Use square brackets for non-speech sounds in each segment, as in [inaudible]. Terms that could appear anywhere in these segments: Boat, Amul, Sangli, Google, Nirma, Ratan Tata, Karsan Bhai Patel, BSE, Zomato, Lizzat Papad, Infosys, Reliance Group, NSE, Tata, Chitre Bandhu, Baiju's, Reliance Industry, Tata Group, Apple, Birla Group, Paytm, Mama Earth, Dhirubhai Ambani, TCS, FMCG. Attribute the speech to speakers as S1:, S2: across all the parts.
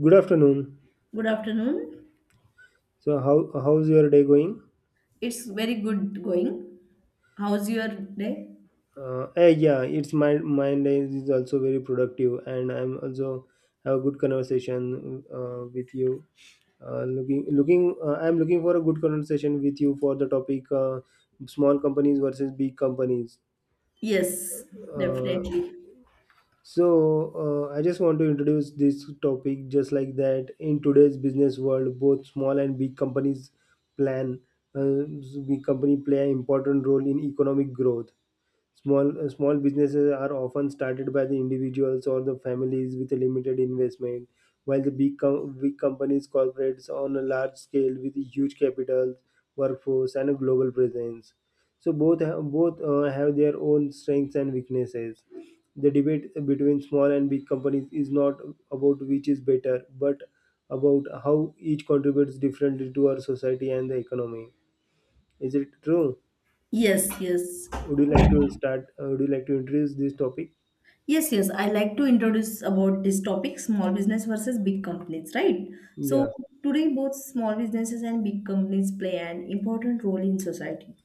S1: Good afternoon.
S2: Good afternoon.
S1: So how's your day going?
S2: It's very good going. How's your day?
S1: Eh, yeah, it's my my day is also very productive, and I'm also have a good conversation with you. I'm looking for a good conversation with you for the topic small companies versus big companies.
S2: Yes,
S1: Uh,
S2: definitely.
S1: I just want to introduce this topic just like that. In today's business world, both small and big companies plan, uh, big company play an important role in economic growth. Small businesses are often started by the individuals or the families with a limited investment, while the big companies corporates on a large scale with huge capital, workforce, and a global presence. So both have their own strengths and weaknesses. The debate between small and big companies is not about which is better, but about how each contributes differently to our society and the economy. Is it true?
S2: Yes, yes.
S1: Would you like to start? Would you like to introduce this topic?
S2: Yes, yes. I like to introduce about this topic, small business versus big companies, right? So
S1: Yeah.
S2: today both small businesses and big companies play an important role in society.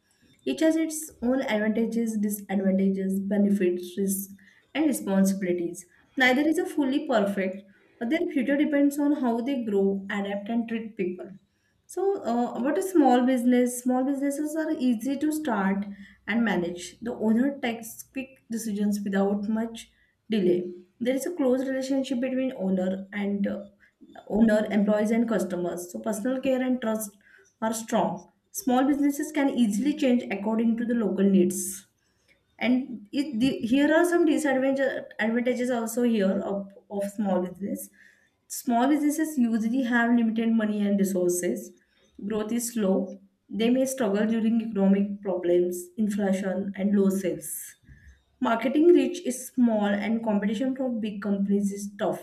S2: Each has its own advantages, disadvantages, benefits, risks, and responsibilities. Neither is a fully perfect, but their future depends on how they grow, adapt, and treat people. So, what is small business? Small businesses are easy to start and manage. The owner takes quick decisions without much delay. There is a close relationship between owner and owner, employees, and customers. So, personal care and trust are strong. Small businesses can easily change according to the local needs, and it, the, here are some disadvantages advantages also here of small business. Small businesses usually have limited money and resources. Growth is slow. They may struggle during economic problems, inflation, and low sales. Marketing reach is small, and competition from big companies is tough.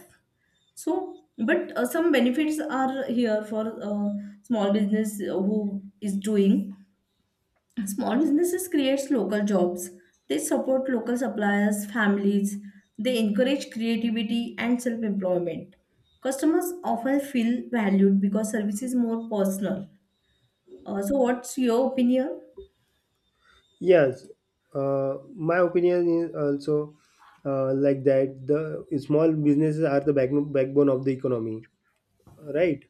S2: So, but some benefits are here for small business who is doing. Small businesses creates local jobs. They support local suppliers, families. They encourage creativity and self-employment. Customers often feel valued because service is more personal. So, what's your opinion?
S1: Yes. My opinion is also like that. The small businesses are the backbone of the economy, right?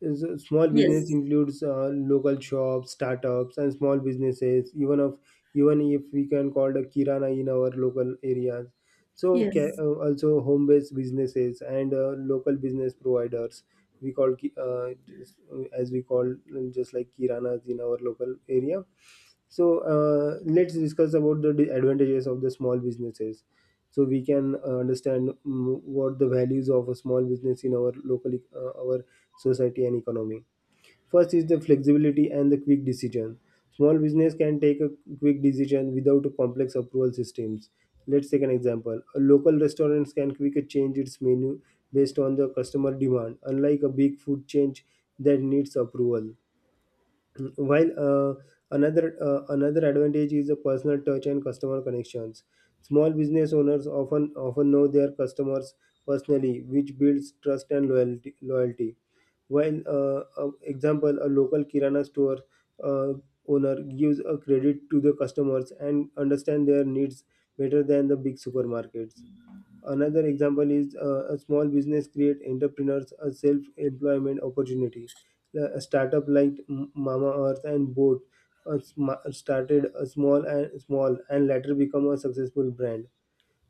S1: Small business
S2: Yes.
S1: includes local shops, startups, and small businesses. Even if we can call the kirana in our local areas. So
S2: Yes.
S1: also home-based businesses and local business providers. We call as we call just like kiranas in our local area, so let's discuss about the advantages of the small businesses, so we can understand what the values of a small business in our our society and economy. First is the flexibility and the quick decision. Small business can take a quick decision without a complex approval systems. Let's take an example: a local restaurants can quickly change its menu based on the customer demand, unlike a big food change that needs approval. While another Another advantage is the personal touch and customer connections. Small business owners often know their customers personally, which builds trust and loyalty. While Example: a local kirana store uh, owner gives a credit to the customers and understand their needs better than the big supermarkets. Another example is a small business create entrepreneurs a self-employment opportunity. A startup like Mama Earth and Boat started a small and small and later become a successful brand.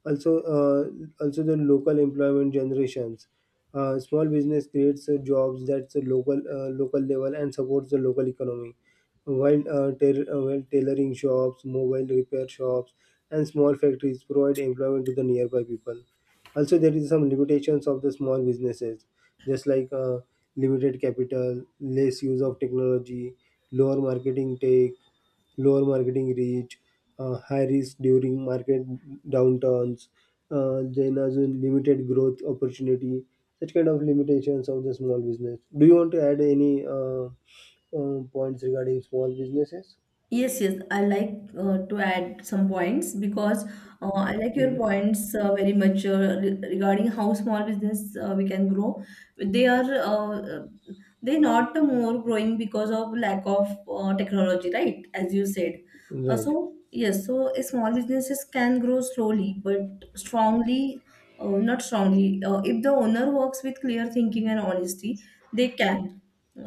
S1: Also the local employment generations. Small business creates jobs that's a local level and supports the local economy, while while tailoring shops, mobile repair shops, and small factories provide employment to the nearby people. Also there is some limitations of the small businesses, just like limited capital, less use of technology, lower marketing take lower marketing reach, high risk during market downturns, then as in limited growth opportunity, such kind of limitations of the small business. Do you want to add any points regarding small businesses?
S2: Yes, yes, I like to add some points because I like
S1: you
S2: your
S1: like-
S2: points very much regarding how small business we can grow. They are uh, uh, they not more growing because of lack of technology, right? As you said.
S1: Right,
S2: So yes, so a small businesses can grow slowly but strongly, not strongly. If the owner works with clear thinking and honesty, they can.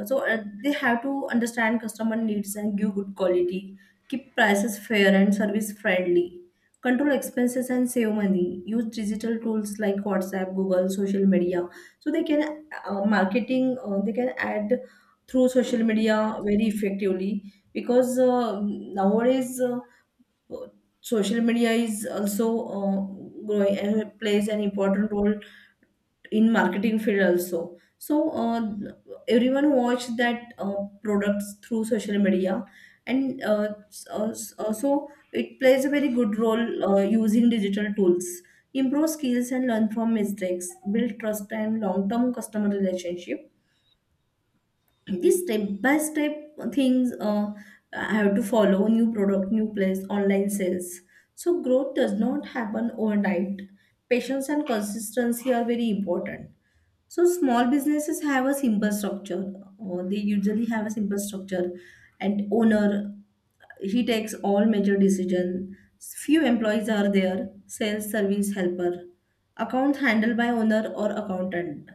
S2: So, they have to understand customer needs and give good quality, keep prices fair and service friendly, control expenses and save money, use digital tools like WhatsApp, Google, social media. So they can add through social media very effectively because nowadays uh, social media is also uh, growing and plays an important role in marketing field also. So everyone watched that products through social media, and so it plays a very good role using digital tools, improve skills and learn from mistakes, build trust and long term customer relationship. These step by step things, I have to follow new product, new place, online sales. So growth does not happen overnight. Patience and consistency are very important. So small businesses have a simple structure, or they usually have a simple structure, and owner, he takes all major decision. Few employees are there, sales, service, helper, accounts handled by owner or accountant,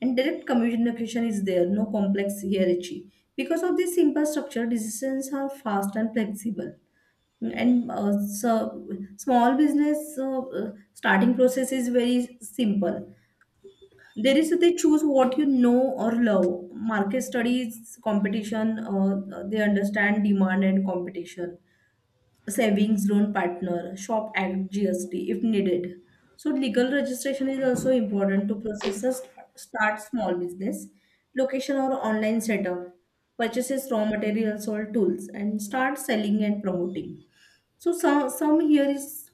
S2: and direct communication is there, no complex hierarchy. Because of this simple structure, decisions are fast and flexible. And so small business starting process is very simple. There is They choose what you know or love. Market studies competition. They understand demand and competition. Savings loan partner, shop act, GST if needed. So legal registration is also important to processors, start small business, location or online setup, purchases raw materials or tools, and start selling and promoting. So some here is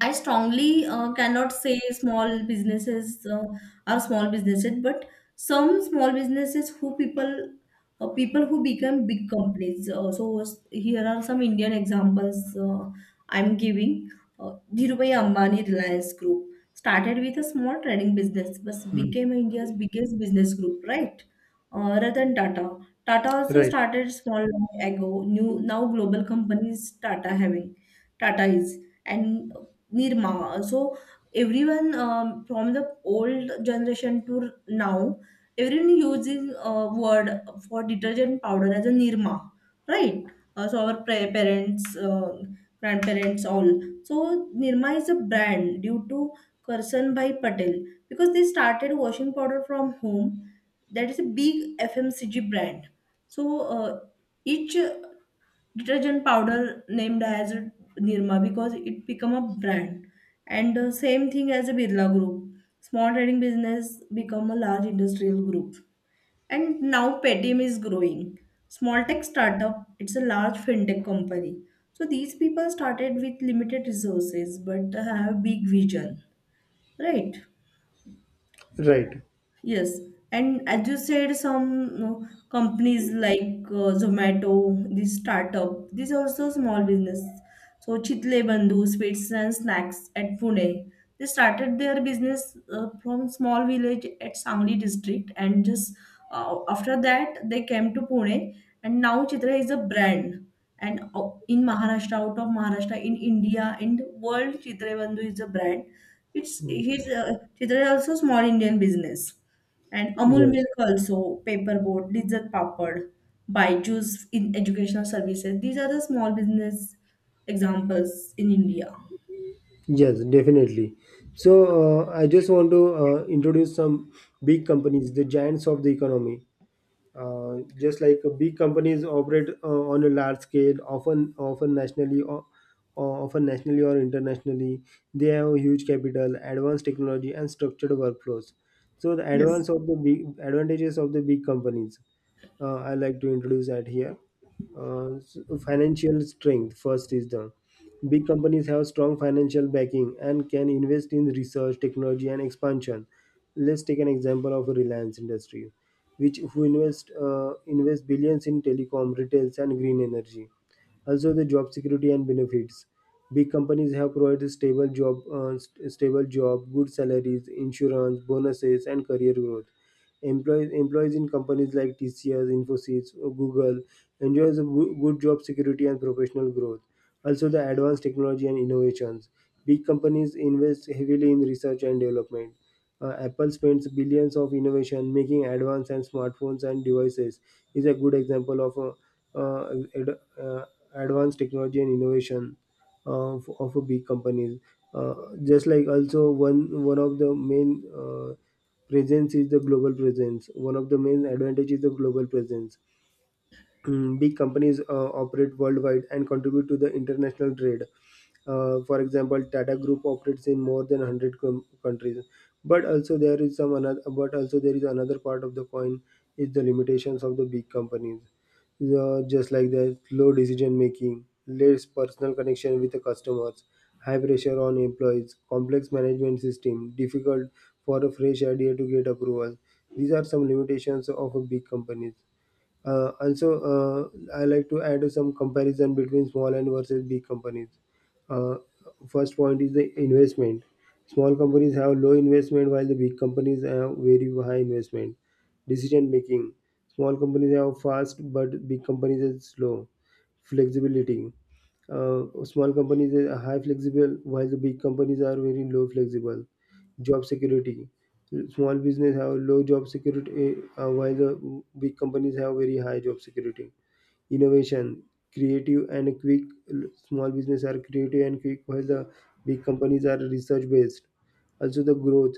S2: I strongly cannot say small businesses are small businesses, but some small businesses who people people who become big companies. So here are some Indian examples, I'm giving. Dhirubhai Ambani Reliance Group started with a small trading business, but became India's biggest business group. Right? Ratan Tata. Tata also
S1: right,
S2: started small long ago. New now global companies Tata having, Tata is, and Nirma. So everyone, from the old generation to now, everyone using a word for detergent powder as a Nirma, right? So our parents, grandparents, all. So Nirma is a brand due to Karsan Bhai Patel because they started washing powder from home. That is a big FMCG brand. So each detergent powder named as Nirma because it become a brand. And the same thing as a Birla Group. Small trading business become a large industrial group. And now Paytm is growing. Small tech startup, it's a large fintech company. So these people started with limited resources but have big vision, right?
S1: right.
S2: Yes, and as you said, some companies like Zomato, this startup, this also small business. So Chitle Bandhu, sweets and snacks at Pune. They started their business from small village at Sangli district, and just after that they came to Pune, and now Chitra is a brand and in Maharashtra, out of Maharashtra, in India, in the world, Chitre Bandhu is a brand. It's his Chitra is also small Indian business, and Amul
S1: Yes,
S2: Milk also paperboard, Lizzat Papad, Baiju's in educational services. These are the small business examples in India.
S1: yes, definitely. So, I just want to introduce some big companies, the giants of the economy. Just like big companies operate on a large scale, often nationally or internationally. They have huge capital, advanced technology, and structured workflows. So the
S2: Yes.
S1: advance of the big advantages of the big companies. I like to introduce that here. Uh, s- Financial strength first is the Big companies have strong financial backing and can invest in research, technology, and expansion. Let's take an example of Reliance Industry, which who invest invest billions in telecom, retails, and green energy. Also, the job security and benefits. Big companies have provided stable job, good salaries, insurance, bonuses, and career growth. Employees in companies like TCS, Infosys, or Google enjoys a good job security and professional growth. Also, the advanced technology and innovations. Big companies invest heavily in research and development. Apple spends billions of innovation making advanced and smartphones and devices is a good example of uh, advanced technology and innovation of a big companies. Uh, just like also one of the main presence is the global presence. One of the main advantage is the global presence. Big companies operate worldwide and contribute to the international trade. For example, Tata Group operates in more than 100 countries. But also there is some another. But also there is another part of the coin is the limitations of the big companies. Just like that, slow decision making, less personal connection with the customers, high pressure on employees, complex management system, difficult for a fresh idea to get approval. These are some limitations of a big companies. Uh, also, I like to add some comparison between small and versus big companies. Uh, First point is the investment. Small companies have low investment, while the big companies have very high investment. Decision making: small companies have fast, but big companies are slow. Flexibility: small companies are high flexible, while the big companies are very low flexible. Job security: small business have low job security, while the big companies have very high job security. Innovation: creative and quick. Small business are creative and quick, while the big companies are research based. Also, the growth.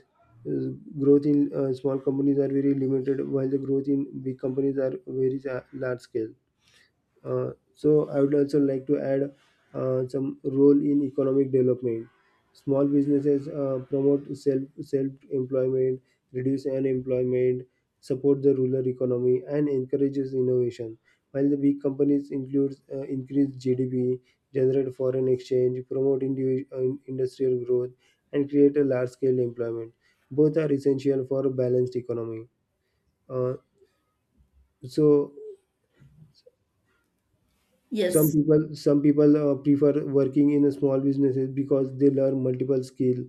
S1: Uh, growth in small companies are very limited, while the growth in big companies are very large scale. So I would also like to add some role in economic development. Small businesses promote self employment, reduce unemployment, support the rural economy, and encourages innovation. While the big companies include increase GDP, generate foreign exchange, promote industrial growth, and create a large scale employment. Both are essential for a balanced economy. Uh, so some
S2: Yes.
S1: people some people uh, prefer working in a small businesses because they learn multiple skill,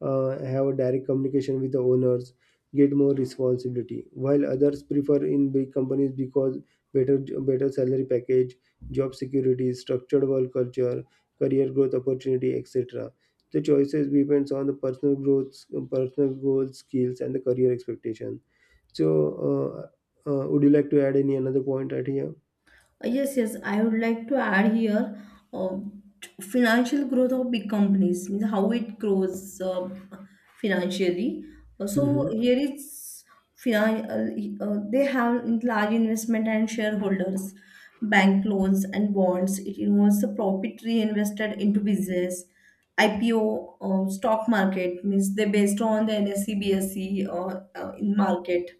S1: have a direct communication with the owners, get more responsibility, while others prefer in big companies because better better salary package, job security, structured work culture, career growth opportunity, etc. The choices depends on the personal growth, personal goals, skills, and the career expectation. So uh, would you like to add any another point right here?
S2: Yes, yes, I would like to add here, uh, financial growth of big companies, means how it grows financially. So
S1: Hmm.
S2: here finan- they have large investment and shareholders, bank loans and bonds. It involves the profit reinvested into business. IPO, stock market means they based on the NSE, BSE, in market,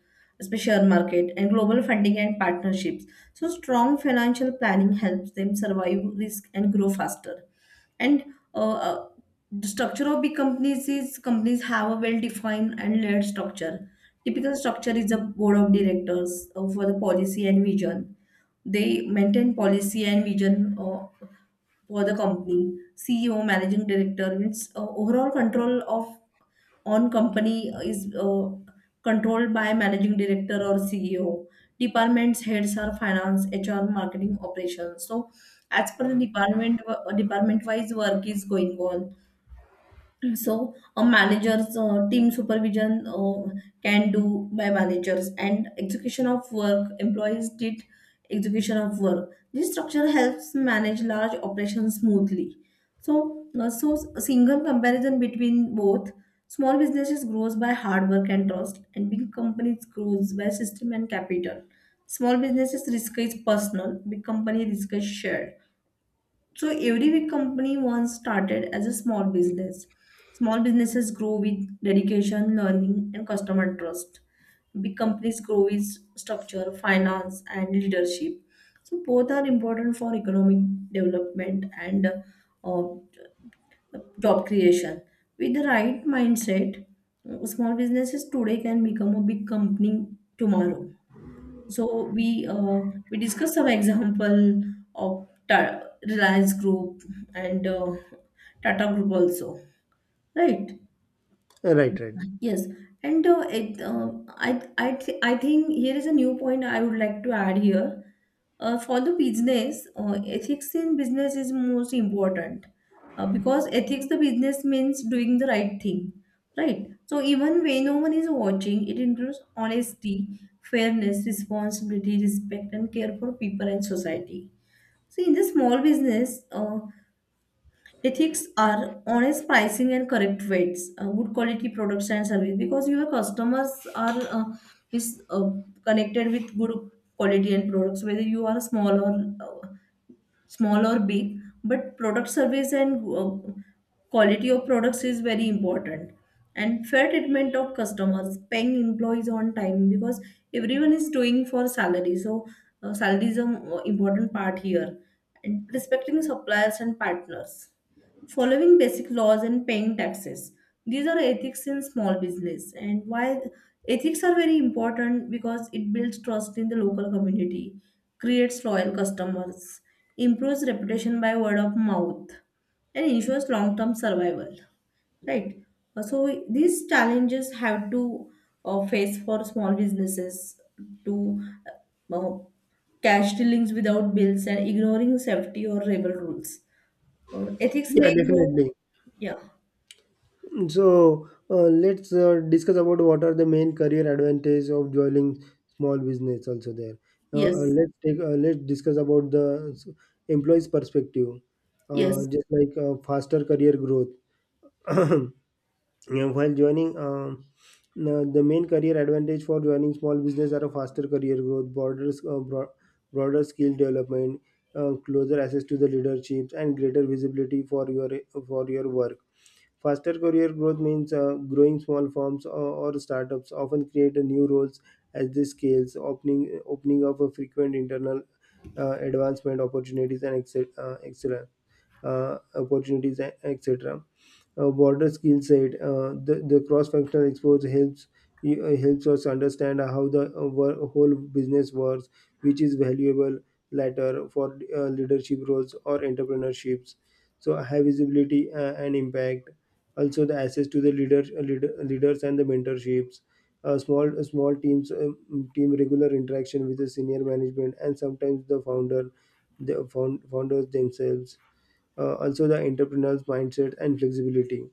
S2: share market, and global funding and partnerships. So, strong financial planning helps them survive risk and grow faster. And uh, uh, the structure of big companies is companies have a well defined and layered structure. Typical structure is a board of directors, for the policy and vision. They maintain policy and vision, for the company. CEO, managing director. It's Overall control of on company is controlled by managing director or CEO. Departments heads are finance, HR, marketing, operations. So as per the department, department wise work is going on. So, a manager's team supervision can do by managers, and execution of work. Employees did execution of work. This structure helps manage large operations smoothly. So, a single comparison between both: small businesses grows by hard work and trust, and big companies grows by system and capital. Small businesses risk is personal, big company risk is shared. So every big company once started as a small business. Small businesses grow with dedication, learning, and customer trust. Big companies grow with structure, finance, and leadership. So both are important for economic development and uh, job creation. With the right mindset, small businesses today can become a big company tomorrow. So we discussed some example of Reliance Group and Tata Group also, right?
S1: Right, right.
S2: Yes, and it, I, th- I think here is a new point I would like to add here. For the business, ethics in business is most important, because ethics the business means doing the right thing, right? So even when no one is watching, it includes honesty, fairness, responsibility, respect, and care for people and society. See, in the small business, ethics are honest pricing and correct rates, good quality products and service, because your customers are is connected with good quality and products, whether you are small or small or big, but product, service, and quality of products is very important, and fair treatment of customers, paying employees on time, because everyone is doing for salary. So salary is an important part here, and respecting suppliers and partners, following basic laws and paying taxes. These are ethics in small business. And why ethics are very important, because it builds trust in the local community, creates loyal customers, improves reputation by word of mouth, and ensures long term survival. Right. So these challenges have to face for small businesses, to uh, cash dealings without bills and ignoring safety or labor rules. Ethics
S1: Yeah,
S2: may grow.
S1: definitely.
S2: Yeah.
S1: So let's discuss about what are the main career advantage of joining small business also there.
S2: Yes.
S1: Let's discuss about the employees' perspective,
S2: Yes.
S1: just like faster career growth. [clears throat] Yeah, while joining now the main career advantage for joining small business are a faster career growth, broader skill development, closer access to the leaderships, and greater visibility for your work. Faster career growth means growing small firms, or startups often create a new roles as they scales, opening up a frequent internal advancement opportunities, and etc, opportunities, etc. Broader skill set. The cross functional exposure helps helps us understand how the whole business works, which is valuable later for leadership roles or entrepreneurships. So high visibility and impact. Also, the access to the leaders and the mentorships. Small teams, team regular interaction with the senior management and sometimes the founder the found, founders themselves. Also the entrepreneur's mindset and flexibility.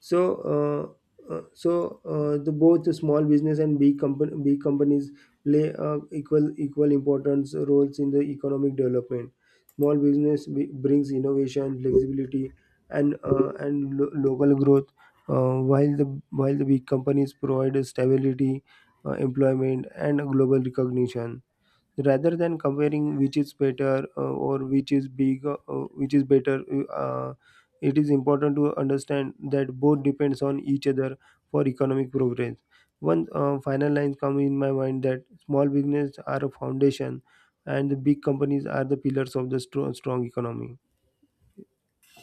S1: So, so the both the small business and big company big companies play equal importance roles in the economic development. Small business brings innovation, flexibility, and local growth, while the big companies provide stability, employment, and global recognition, rather than comparing which is better or which is bigger which is better uh,. It is important to understand that both depends on each other for economic progress. One final line come in my mind that small businesses are a foundation and the big companies are the pillars of the strong economy.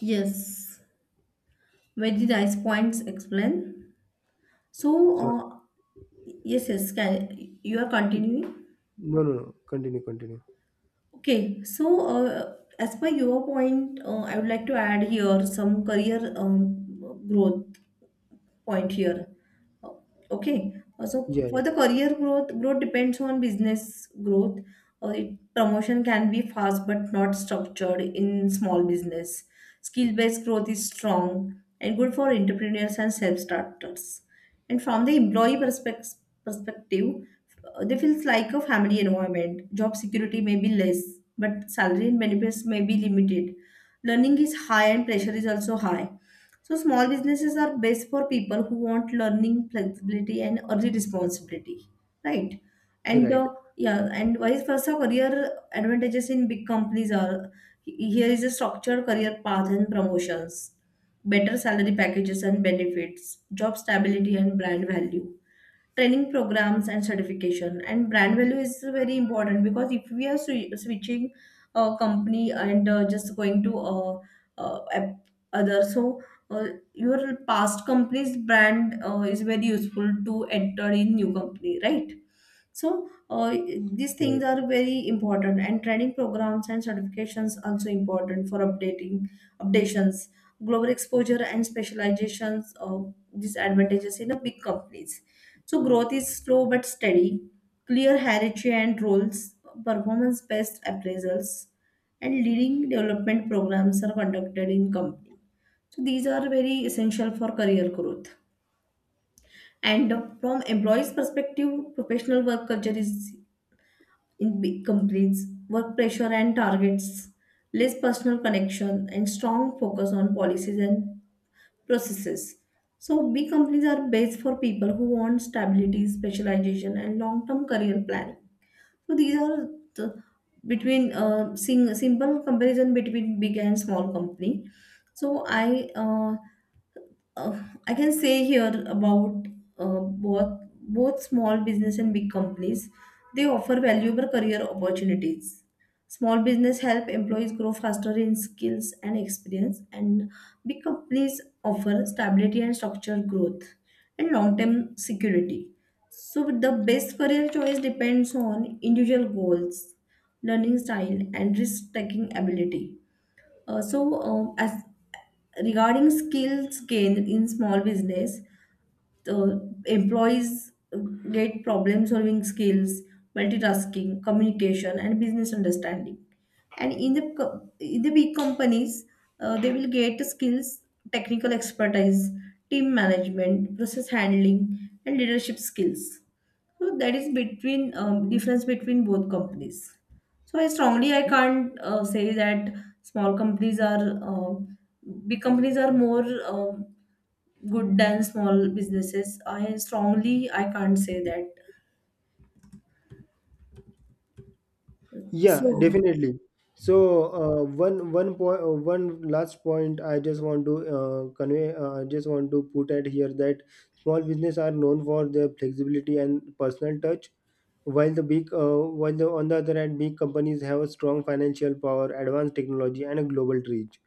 S2: Yes. Very nice points. Explain. So,
S1: So
S2: yes, yes. Can, you are continuing.
S1: no, no, no, continue, continue.
S2: Okay. So, as per your point, I would like to add here some career, growth point here. Uh, Okay. So
S1: Yeah, yeah.
S2: for the career growth, depends on business growth. It, promotion can be fast but not structured in small business. Skill based growth is strong and good for entrepreneurs and self starters. And from the employee perspective, they feels like a family environment. Job security may be less, but salary and benefits may be limited. Learning is high and pressure is also high. So small businesses are best for people who want learning, flexibility, and early responsibility, right? And
S1: Right,
S2: yeah, and vice versa, career advantages in big companies are, here is a structured career path and promotions, better salary packages and benefits, job stability and brand value, training programs and certification. And brand value is very important, because if we are switching a company and just going to uh, ap- other, so uh, your past company's brand is very useful to enter in new company, right? So these things
S1: right.
S2: are very important, and training programs and certifications also important for updating updations, global exposure and specializations, of these advantages in the big companies. So growth is slow but steady, clear hierarchy and roles, performance-based appraisals, and leading development programs are conducted in company. So these are very essential for career growth. And from employees' perspective, professional work culture is in big companies, work pressure and targets, less personal connection, and strong focus on policies and processes. So big companies are best for people who want stability, specialization, and long term career planning. So, these are the, between simple comparison between big and small company. So, uh, I can say here about both small business and big companies. They offer valuable career opportunities. Small business help employees grow faster in skills and experience, and big companies offer stability and structured growth and long-term security. So the best career choice depends on individual goals, learning style, and risk-taking ability. So, as regarding skills gained in small business, the employees get problem solving skills, multitasking, communication, and business understanding. And in the in the big companies, they will get skills, technical expertise, team management, process handling, and leadership skills. So that is between, difference between both companies. So I strongly I can't say that small companies are big companies are more good than small businesses. I strongly I can't say that.
S1: Yeah,
S2: So
S1: definitely. So one last point I just want to convey, I just want to put at here, that small business are known for their flexibility and personal touch, while the on the other hand big companies have a strong financial power, advanced technology, and a global reach.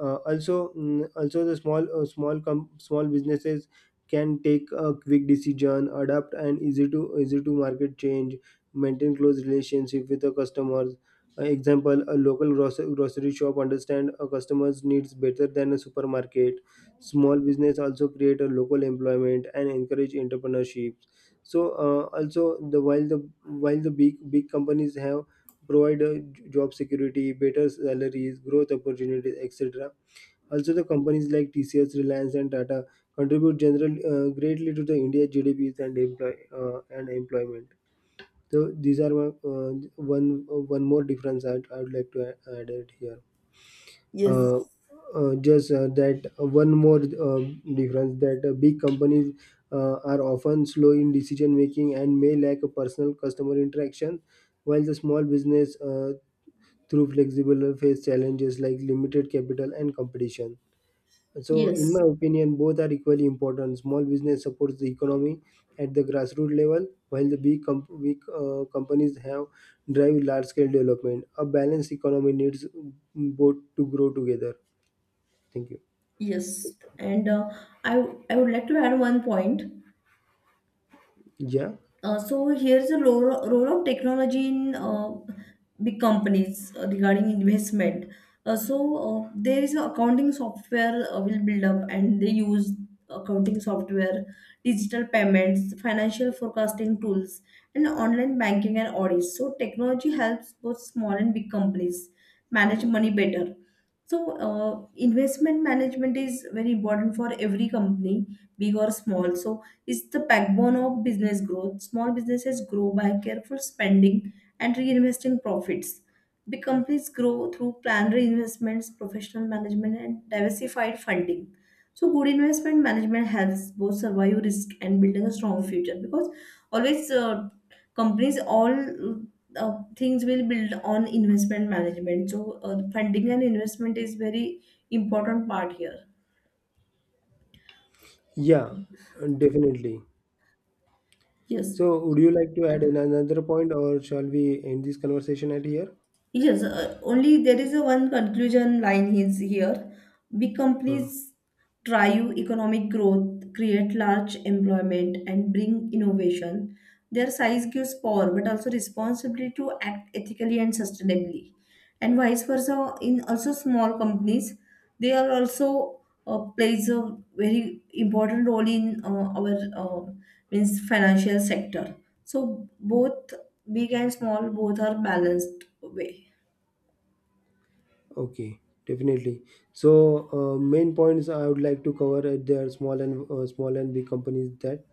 S1: Uh, also, mm, also the small small com- small businesses can take a quick decision, adapt, and easy to market change, maintain close relationship with the customers. Example: a local grocery shop understand a customer's needs better than a supermarket. Small business also create a local employment and encourage entrepreneurship. So also the big companies have provide job security, better salaries, growth opportunities, etc. Also, the companies like TCS, Reliance, and Tata contribute general greatly to the India GDPs and employ and employment. So these are my, one more difference I would like to add it here. Uh, just that One more uh, difference that big companies are often slow in decision making and may lack a personal customer interaction, while the small business through flexible face challenges like limited capital and competition. So, in my
S2: yes,
S1: opinion, both are equally important. Small business supports the economy at the grassroots level, while the big companies have drive large-scale development. A balanced economy needs both to grow together. Thank you.
S2: yes, and I I would like to add one point.
S1: Yeah,
S2: So here's the role of technology in big companies, regarding investment. So there is a accounting software, will build up and they use accounting software, digital payments, financial forecasting tools, and online banking and audits. So technology helps both small and big companies manage money better. So, investment management is very important for every company, big or small. So, it's the backbone of business growth. Small businesses grow by careful spending and reinvesting profits. Big companies grow through planned reinvestments, professional management, and diversified funding. So, good investment management helps both survive risk and building a strong future, because always. Companies all things will build on investment management. So funding and investment is very important part here.
S1: yeah, definitely.
S2: Yes,
S1: So, would you like to add another point, or shall we end this conversation at here?
S2: yes, only there is a one conclusion line is here. Big
S1: Huh.
S2: companies drive economic growth, create large employment, and bring innovation. Their size gives power but also responsibility to act ethically and sustainably. And vice versa in also small companies, they are also plays a very important role in our, uh, means financial sector. So both big and small, both are balanced way.
S1: Okay, definitely. So, main points I would like to cover there, small and big companies: that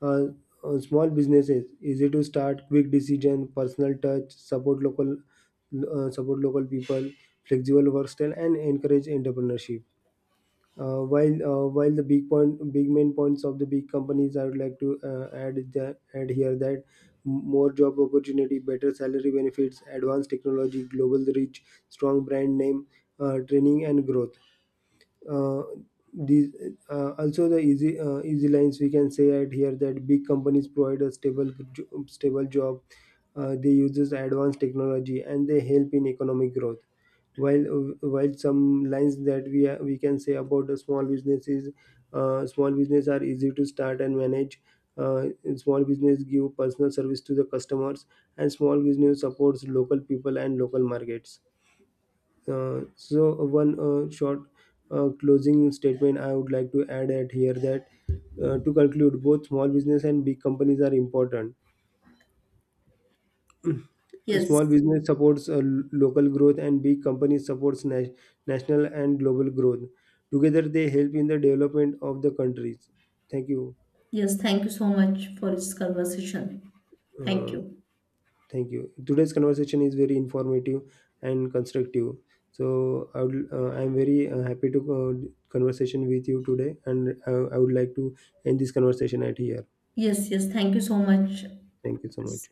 S1: uh, small businesses easy to start, quick decision, personal touch, support local people, flexible work style, and encourage entrepreneurship. While the big main points of the big companies, I would like to add here that more job opportunity, better salary benefits, advanced technology, global reach, strong brand name, training and growth. Uh, these also the easy Easy lines we can say at here that big companies provide a stable job, they uses advanced technology, and they help in economic growth, while some lines that we can say about the small businesses: small business are easy to start and manage, uh, small business give personal service to the customers, and small business supports local people and local markets. Uh, so one short closing statement I would like to add at here, that to conclude, both small business and big companies are important.
S2: Yes,
S1: Small business supports local growth, and big companies supports national and global growth. Together, they help in the development of the countries. Thank you.
S2: yes, thank you so much for this conversation. Thank
S1: Uh,
S2: you.
S1: Thank you. Today's conversation is very informative and constructive. So I would, I'm very happy to conversation with you today, and I would like to end this conversation at here.
S2: Yes, yes, thank you so much.
S1: Thank you so much.